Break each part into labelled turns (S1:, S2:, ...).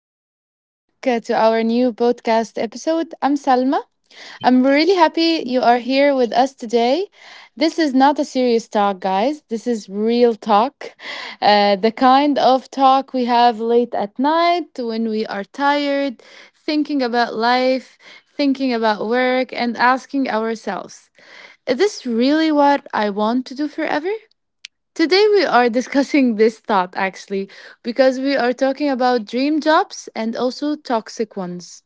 S1: welcome back to our new podcast episode. I'm Salma. I'm really happy you are here with us today. This is not a serious talk, guys. This is real talk. The kind of talk we have late at night when we are tired, thinking about life, thinking about work, and asking ourselves, is this really what I want to do forever? Today, we are discussing this thought actually, because we are talking about dream jobs and also toxic ones.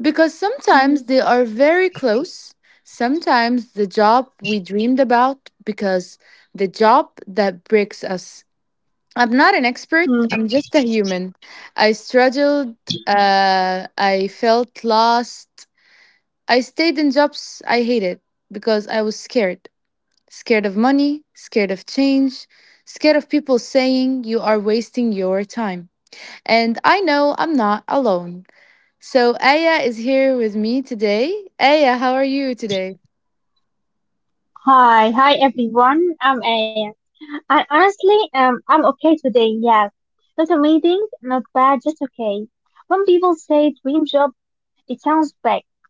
S1: Because
S2: Mm.
S1: sometimes they are very close. Sometimes the job we dreamed about, because the job that breaks us. I'm not an expert,
S2: Mm.
S1: I'm just a human. I struggled, I felt lost. I stayed in jobs I hated because I was scared. Scared of money, scared of change, scared of people saying you are wasting your time. And I know I'm not alone. So Aya is here with me today. Aya, how are you today?
S2: Hi, hi everyone. I'm Aya. I honestly, I'm okay today. Yes, not amazing, not bad, just okay. When people say dream job, it sounds big,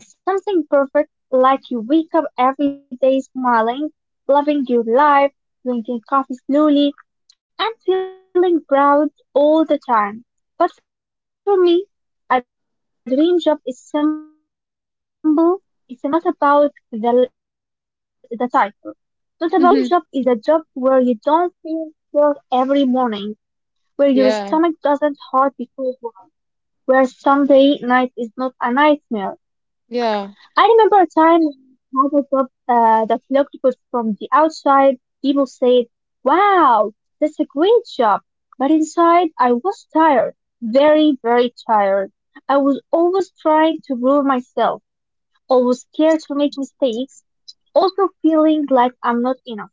S2: like something perfect, like you wake up every day smiling, loving your life, drinking coffee slowly, and feeling proud all the time. But for me, a dream job is simple. It's not about the title, not about the money only. It's about peace. A dream job is
S1: Mhm.
S2: a job where you don't feel guilt every morning, where your
S1: Yeah,
S2: stomach doesn't hurt because work, where Sunday night is not a nightmare.
S1: yeah.
S2: I remember a time when I had a job that looked good from the outside. People said, wow, that's a great job. But inside, I was tired, very, very tired. I was always trying to prove myself, always scared to make mistakes, also feeling like I'm not enough.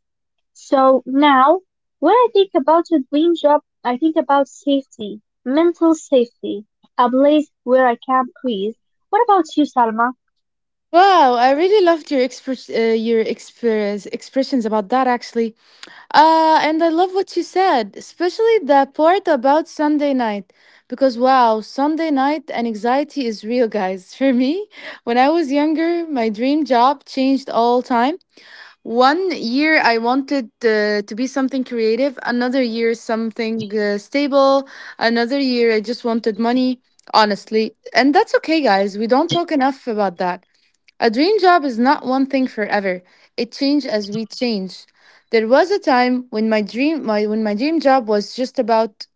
S2: So now, when I think about a dream job, I think about safety, mental safety, a place where I can breathe. What about you, Salma?
S1: Wow, I really loved your expressions about that actually. And I love what you said, especially the part about Sunday night. Because wow, Sunday night and anxiety is real, guys. For me, when I was younger, my dream job changed all time. One year I wanted to be something creative, another year something stable, another year I just wanted money, honestly. And that's okay, guys. We don't talk enough about that. A dream job is not one thing forever. It changes as we change. There was a time when my dream job was just about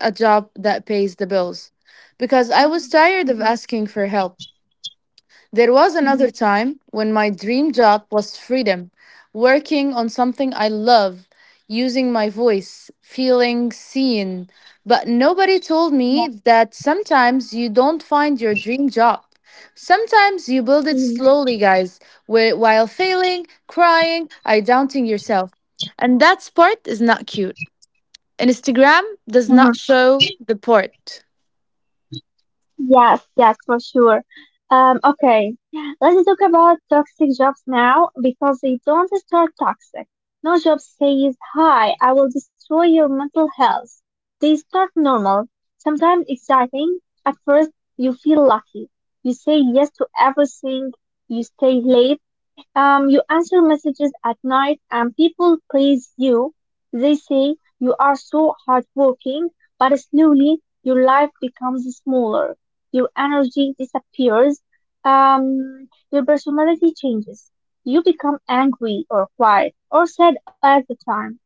S1: a job that pays the bills because I was
S2: Mhm,
S1: tired of
S2: mhm,
S1: asking for help. There was
S2: mhm.
S1: another time when my dream job was freedom, working on something I love, using my voice, feeling seen. But nobody told
S2: Yeah.
S1: me that sometimes you don't find your dream job. Sometimes you build it
S2: Mhm,
S1: slowly, guys, while failing, crying, I doubting yourself. And that part is not cute. Instagram does
S2: mhm.
S1: not show the part.
S2: Yes, yes, for sure. Okay, let's talk about toxic jobs now, because they don't start toxic. No job says, "Hi, I will destroy your mental health." They start normal, sometimes exciting. At first, you feel lucky. You say yes to everything. You stay late. You answer messages at night and people praise you. They say you are so hardworking, but slowly your life becomes smaller. Your energy disappears. Your personality changes. You become angry or quiet or sad at the time.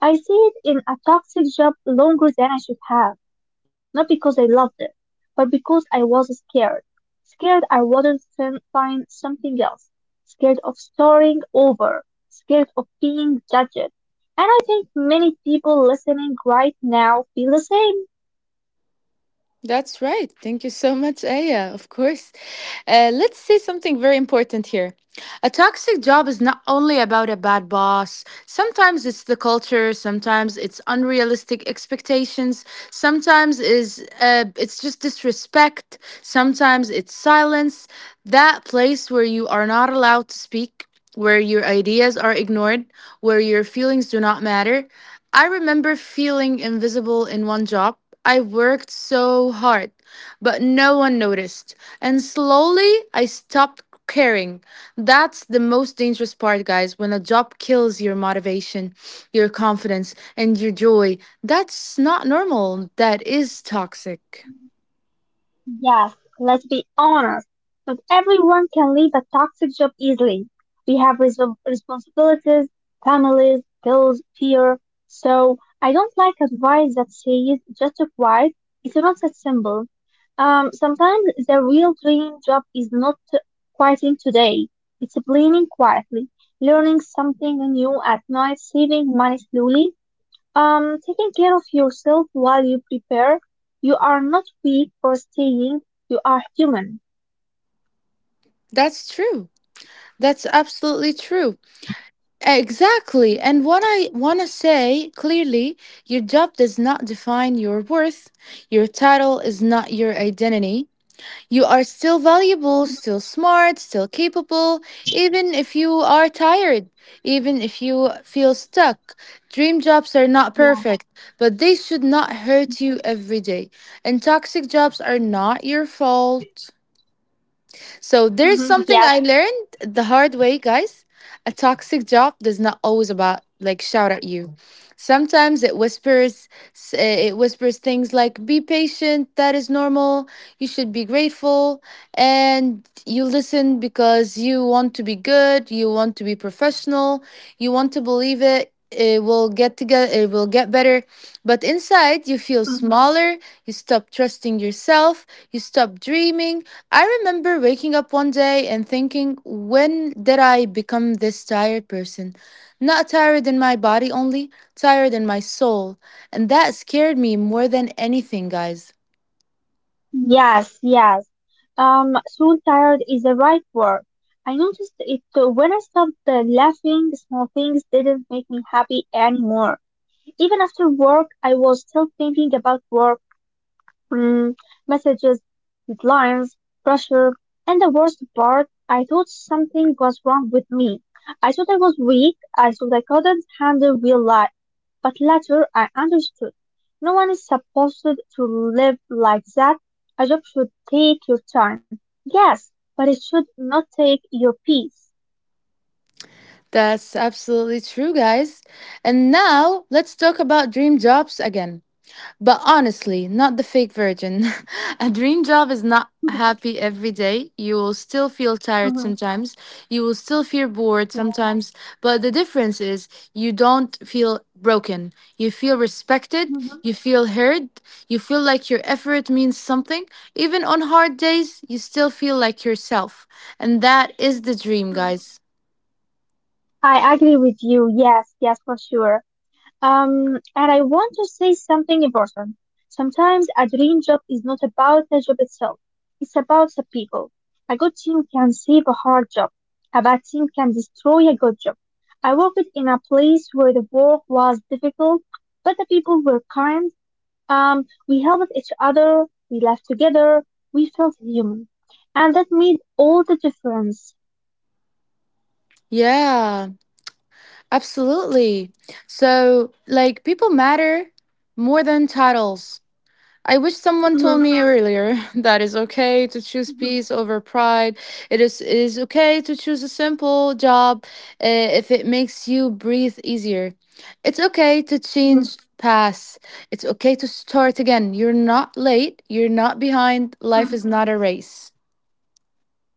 S2: I stayed in a toxic job longer than I should have, not because I loved it, but because I was scared. Scared I wouldn't find something else. Scared of starting over. Scared of being judged. And I think many people listening right now feel the same.
S1: That's right. Thank you so much, Aya. Of course. Let's say something very important here. A toxic job is not only about a bad boss. Sometimes it's the culture. Sometimes it's unrealistic expectations. Sometimes is it's just disrespect. Sometimes it's silence. That place where you are not allowed to speak, where your ideas are ignored, where your feelings do not matter. I remember feeling invisible in one job. I worked so hard, but no one noticed. And slowly I stopped caring. That's the most dangerous part, guys, when a job kills your motivation, your confidence, and your joy. That's not normal. That is toxic.
S2: Yes, let's be honest. Not everyone can leave a toxic job easily. We have responsibilities, families, bills, fear. So I don't like advice that says just quiet. It's not that simple. Sometimes the real dream job is not quitting today. It's planning quietly, learning something new at night, saving money slowly, taking care of yourself while you prepare. You are not weak for staying. You are human.
S1: That's true. That's absolutely true. Exactly. And what I want to say clearly, your job does not define your worth. Your title is not your identity. You are still valuable, still smart, still capable, even if you are tired, even if you feel stuck. Dream jobs are not
S2: Yeah.
S1: perfect, but they should not hurt you every day. And toxic jobs are not your fault, so there's
S2: Hmm.
S1: something
S2: Yes.
S1: I learned the hard way, guys. A toxic job does not always about like shout at you. Sometimes it whispers, it whispers things like be patient, that is normal, you should be grateful, and you listen because you want to be good, you want to be professional, you want to believe it will get together, it will get better, but inside you feel
S2: Mhm.
S1: smaller, you stop trusting yourself, you stop dreaming. I remember waking up one day and thinking, when did I become this tired person? Not tired in my body only, tired in my soul. And that scared me more than anything, guys.
S2: Yes. Yes. Soon tired is the right word. I noticed it when I stopped laughing. Small things didn't make me happy anymore. Even after work, I was still thinking about work. Mm, messages, deadlines, pressure, and the worst part, I thought something was wrong with me. I thought I was weak. I thought I couldn't handle real life. But later, I understood. No one is supposed to live like that. A job should take your time. Yes, but it should not take your peace.
S1: That's absolutely true, guys. And now let's talk about dream jobs again. But honestly, not the fake virgin. A dream job is not happy every day. You will still feel
S2: Mhm,
S1: tired
S2: mhm,
S1: sometimes. You will still feel bored
S2: yeah,
S1: sometimes. But the difference is you don't feel broken. You feel respected.
S2: mhm,
S1: You feel heard. You feel like your effort means something. Even on hard days, you still feel like yourself. And that is the dream,
S2: mhm.
S1: guys.
S2: I agree with you. Yes, yes, for sure. And I want to say something important. Sometimes a dream job is not about the job itself. It's about the people. A good team can save a hard job. A bad team can destroy a good job. I worked in a place where the work was difficult, but the people were kind. We helped each other. We laughed together. We felt human. And that made all the difference.
S1: Yeah, absolutely. So, like, people matter more than titles. I wish someone told
S2: Mhm,
S1: me earlier that it's okay to choose
S2: mhm,
S1: peace over pride. It is okay to choose a simple job if it makes you breathe easier. It's okay to
S2: mhm,
S1: change paths. It's okay to start again. You're not late. You're not behind. Life is
S2: mhm.
S1: not a race.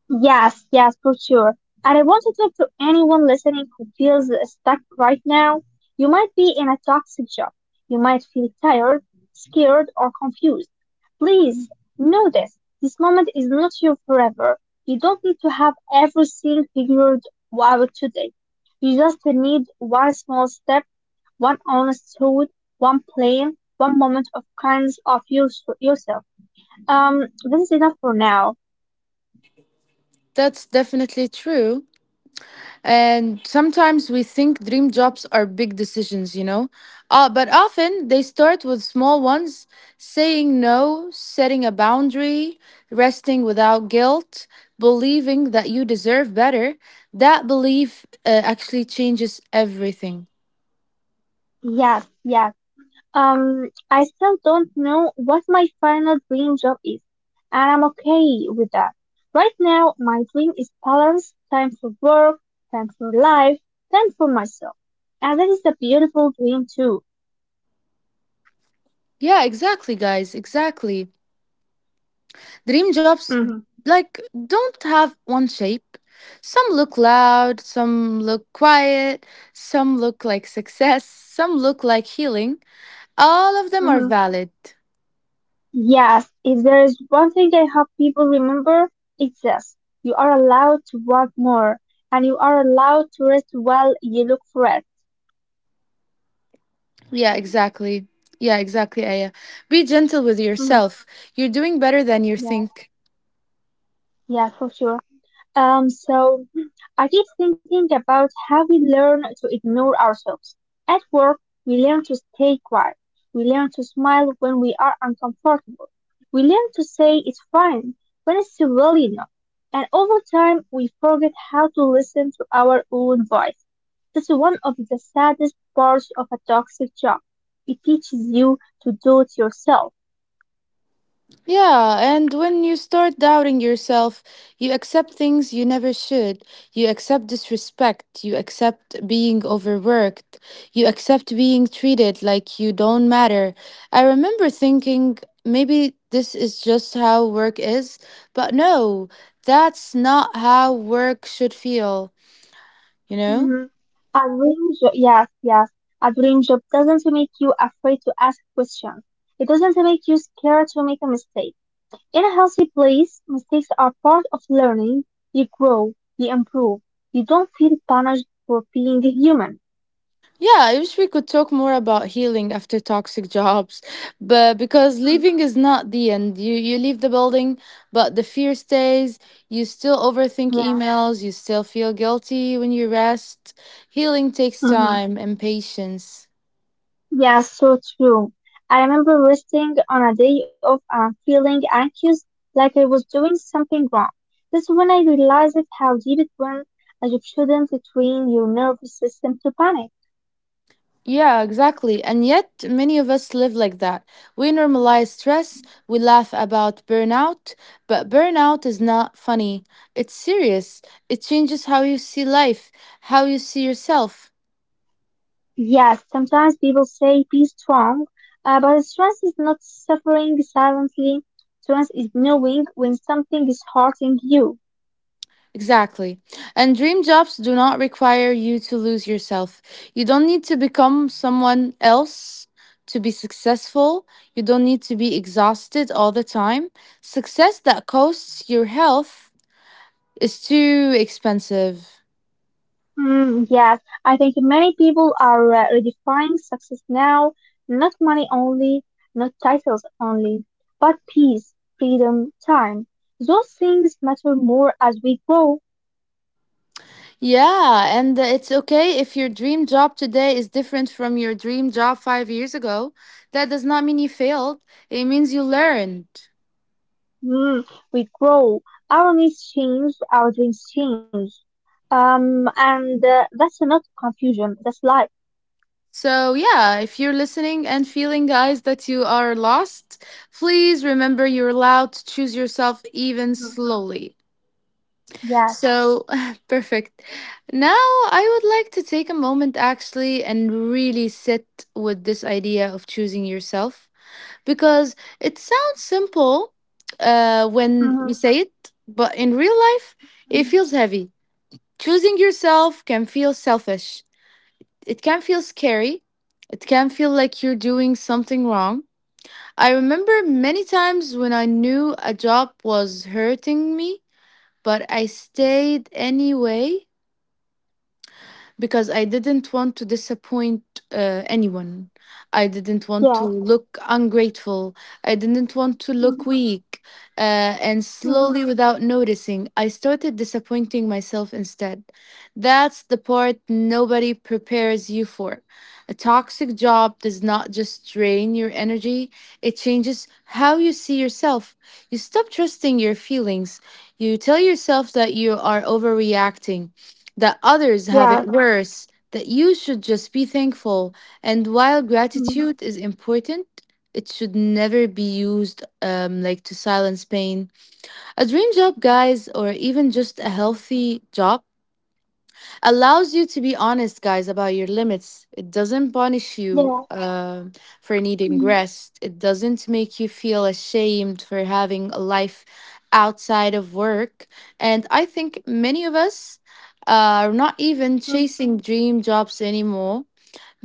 S2: Yes, yes, for sure. And I want to talk to anyone listening who feels stuck right now. You might be in a toxic job. You might feel tired, scared, or confused. Please know this. This moment is not your forever. You don't need to have everything figured out today. You just need one small step, one honest thought, one plan, one moment of kindness of your, yourself. This is enough for now.
S1: That's definitely true. And sometimes we think dream jobs are big decisions, you know? But often they start with small ones, saying no, setting a boundary, resting without guilt, believing that you deserve better. That belief actually changes everything.
S2: Yes, yes. I still don't know what my final dream job is, and I'm okay with that. Right now, my dream is balance, time for work, time for life, time for myself. And that is a beautiful dream too.
S1: Yeah, exactly, guys, exactly. Dream jobs,
S2: Mm-hmm.
S1: like, don't have one shape. Some look loud, some look quiet, some look like success, some look like healing. All of them are
S2: Mm-hmm.
S1: valid.
S2: Yes, if there is one thing I hope people remember, it's this. You are allowed to work more, and you are allowed to rest while you look for it.
S1: Yeah, exactly. Yeah, exactly, Aya. Be gentle with
S2: Mm-hmm.
S1: yourself. You're doing better than you
S2: Yeah,
S1: think.
S2: yeah, for sure. So I keep thinking about how we learn to ignore ourselves. At work, we learn to stay quiet. We learn to smile when we are uncomfortable. We learn to say it's fine when it's really not. And over time, we forget how to listen to our own voice. That's one of the saddest parts of a toxic job. It teaches you to do it yourself.
S1: Yeah, and when you start doubting yourself, you accept things you never should. You accept disrespect. You accept being overworked. You accept being treated like you don't matter. I remember thinking maybe this is just how work is, but no, that's not how work should feel, you know?
S2: Mhm. A dream job, yes, yes. A dream job doesn't make you afraid to ask questions. It doesn't make you scared to make a mistake. In a healthy place, mistakes are part of learning. You grow, you improve. You don't feel punished for being human.
S1: Yeah, I wish we could talk more about healing after toxic jobs, but because
S2: Mhm.
S1: leaving is not the end. You leave the building, but the fear stays. You still overthink
S2: Yeah.
S1: emails, you still feel guilty when you rest. Healing takes
S2: Mhm.
S1: time and patience.
S2: Yeah, so true. I remember resting on a day off and feeling anxious, like I was doing something wrong. That's when I realized how deep it went, and you shouldn't train your nervous system to panic.
S1: Yeah, exactly. And yet many of us live like that. We normalize stress, we laugh about burnout, but burnout is not funny. It's serious. It changes how you see life, how you see yourself.
S2: Yes, sometimes people say be strong, but strength is not suffering silently. Strength is knowing when something is hurting you.
S1: Exactly. And dream jobs do not require you to lose yourself. You don't need to become someone else to be successful. You don't need to be exhausted all the time. Success that costs your health is too expensive.
S2: Mm, yes, I think many people are redefining success now, not money only, not titles only, but peace, freedom, time. Those things matter more as we grow.
S1: Yeah, and it's okay if your dream job today is different from your dream job 5 years ago. That does not mean you failed, it means you learned.
S2: Mm, we grow. Our needs change, our dreams change. And that's not confusion, that's life.
S1: So, yeah, if you're listening and feeling, guys, that you are lost, please remember you're allowed to choose yourself even
S2: Mhm.
S1: slowly.
S2: Yes.
S1: So, perfect. Now, I would like to take a moment actually and really sit with this idea of choosing yourself because it sounds simple when we say
S2: Mhm.
S1: it, but in real life, it feels heavy. Choosing yourself can feel selfish, it can feel scary. It can feel like you're doing something wrong. I remember many times when I knew a job was hurting me, but I stayed anyway because I didn't want to disappoint anyone. I didn't want to look
S2: Yes.
S1: ungrateful. I didn't want to look weak.
S2: Mhm.
S1: And slowly, without
S2: Mhm.
S1: noticing, I started disappointing myself instead. That's the part nobody prepares you for. A toxic job does not just drain your energy, it changes how you see yourself. You stop trusting your feelings. You tell yourself that you are overreacting, that others have it worse,
S2: Yes.
S1: that you should just be thankful. And while gratitude is
S2: Mhm.
S1: important, it should never be used like to silence pain. A dream job, guys, or even just a healthy job allows you to be honest, guys, about your limits. It doesn't punish you
S2: Yes.
S1: for needing rest. It
S2: Mhm.
S1: doesn't make you feel ashamed for having a life outside of work. And I think many of us are not even chasing dream jobs anymore,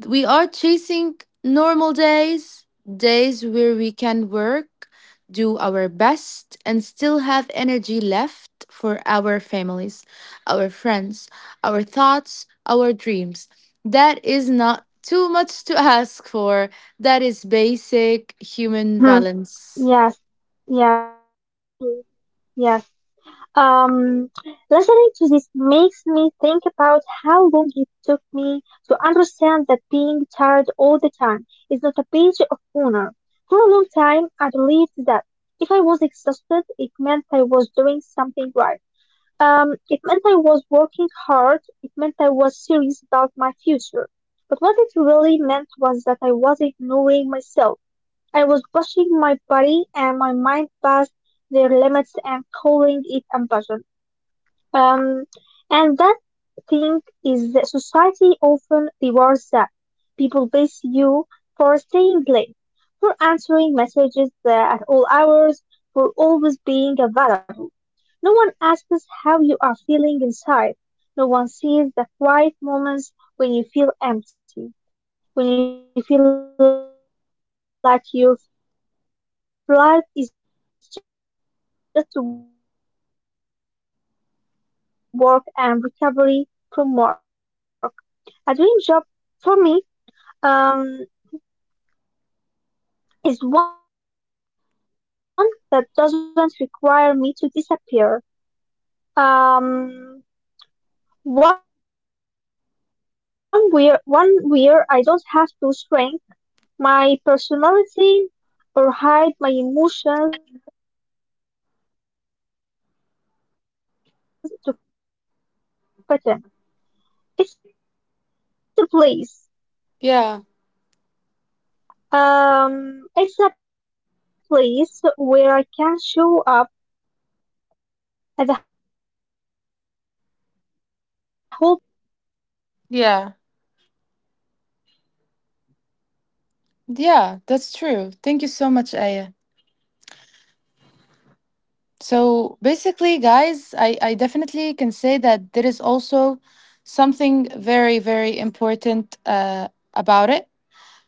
S1: we are chasing normal days, days where we can work, do our best, and still have energy left for our families, our friends, our thoughts, our dreams. That is not too much to ask for. That is basic human
S2: Mhm.
S1: balance.
S2: Yes, yes, for sure. Yes. Um, listening to this makes me think about how long it took me to understand that being tired all the time is not a badge of honor. For a long time, I believed that if I was exhausted, it meant I was doing something right. It meant I was working hard. It meant I was serious about my future. But what it really meant was that I was ignoring myself. I was pushing my body and my mind past their limits and calling it ambition. Um, and that thing is that society often rewards that. People base you for staying late, for answering messages at all hours, for always being available. No one asks how you are feeling inside. No one sees the quiet moments when you feel empty, when you feel like your life is just work and recovery from work. A dream job for me um, is one that doesn't require me to disappear. Um, one where I don't have to shrink my personality or hide my emotions to fit in. It's a place it's a place where I can show up as a whole person, not just a worker.
S1: Yeah,
S2: And even if that job is not perfect, even if it's challenging, it still feels fair. It feels human.
S1: yeah, yeah, that's true. Thank you so much, Aya. So basically, guys, I definitely can say that there is also something very, very important about it.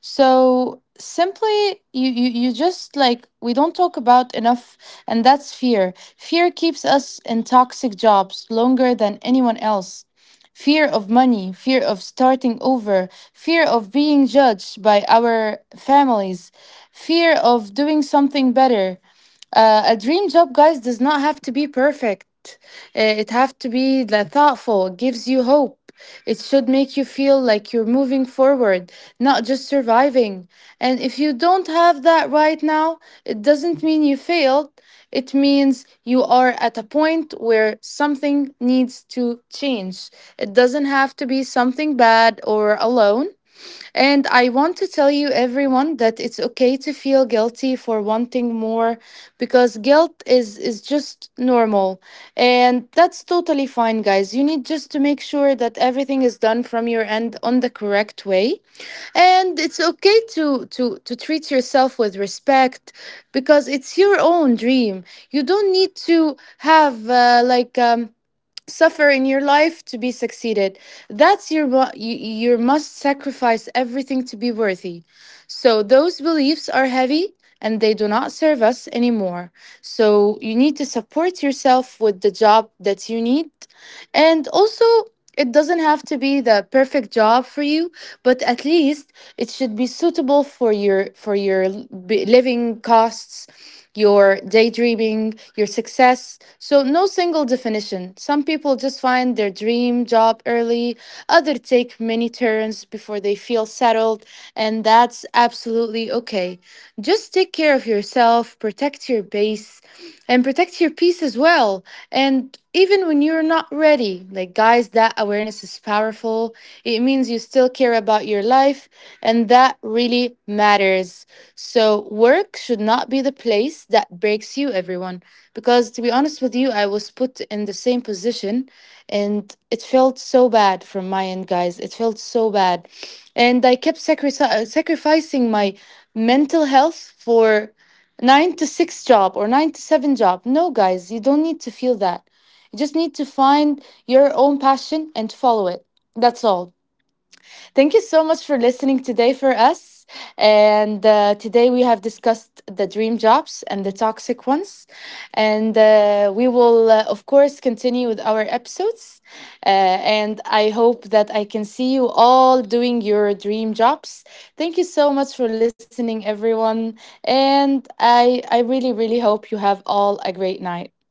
S1: So simply, you just like, we don't talk about enough, and that's fear. Fear keeps us in toxic jobs longer than anyone else. Fear of money, fear of starting over, fear of being judged by our families, fear of doing something better. A dream job, guys, does not have to be perfect. It have to be like, thoughtful. It gives you hope. It should make you feel like you're moving forward, not just surviving. And if you don't have that right now, it doesn't mean you failed. It means you are at a point where something needs to change. It doesn't have to be something bad or alone. And I want to tell you, everyone, that it's okay to feel guilty for wanting more because guilt is just normal. And that's totally fine, guys. You need just to make sure that everything is done from your end on the correct way. And it's okay to treat yourself with respect because it's your own dream. You don't need to have suffer in your life to be succeeded, that's your you must sacrifice everything to be worthy, so those beliefs are heavy and they do not serve us anymore, so you need to support yourself with the job that you need. And also, it doesn't have to be the perfect job for you, but at least it should be suitable for your living costs, your daydreaming, your success. So no single definition. Some people just find their dream job early, others take many turns before they feel settled, and that's absolutely okay. Just take care of yourself, protect your base, and protect your peace as well. And even when you're not ready. Like, guys, that awareness is powerful. It means you still care about your life, and that really matters. So, work should not be the place that breaks you, everyone. Because, to be honest with you, I was put in the same position, and it felt so bad from my end, guys. It felt so bad. And I kept sacrificing my mental health for nine to six job or nine to seven job. No, guys, you don't need to feel that. You just need to find your own passion and follow it. That's all. Thank you so much for listening today for us. And today we have discussed the dream jobs and the toxic ones. And we will, of course, continue with our episodes. And I hope that I can see you all doing your dream jobs. Thank you so much for listening, everyone. And I really, really hope you have all a great night.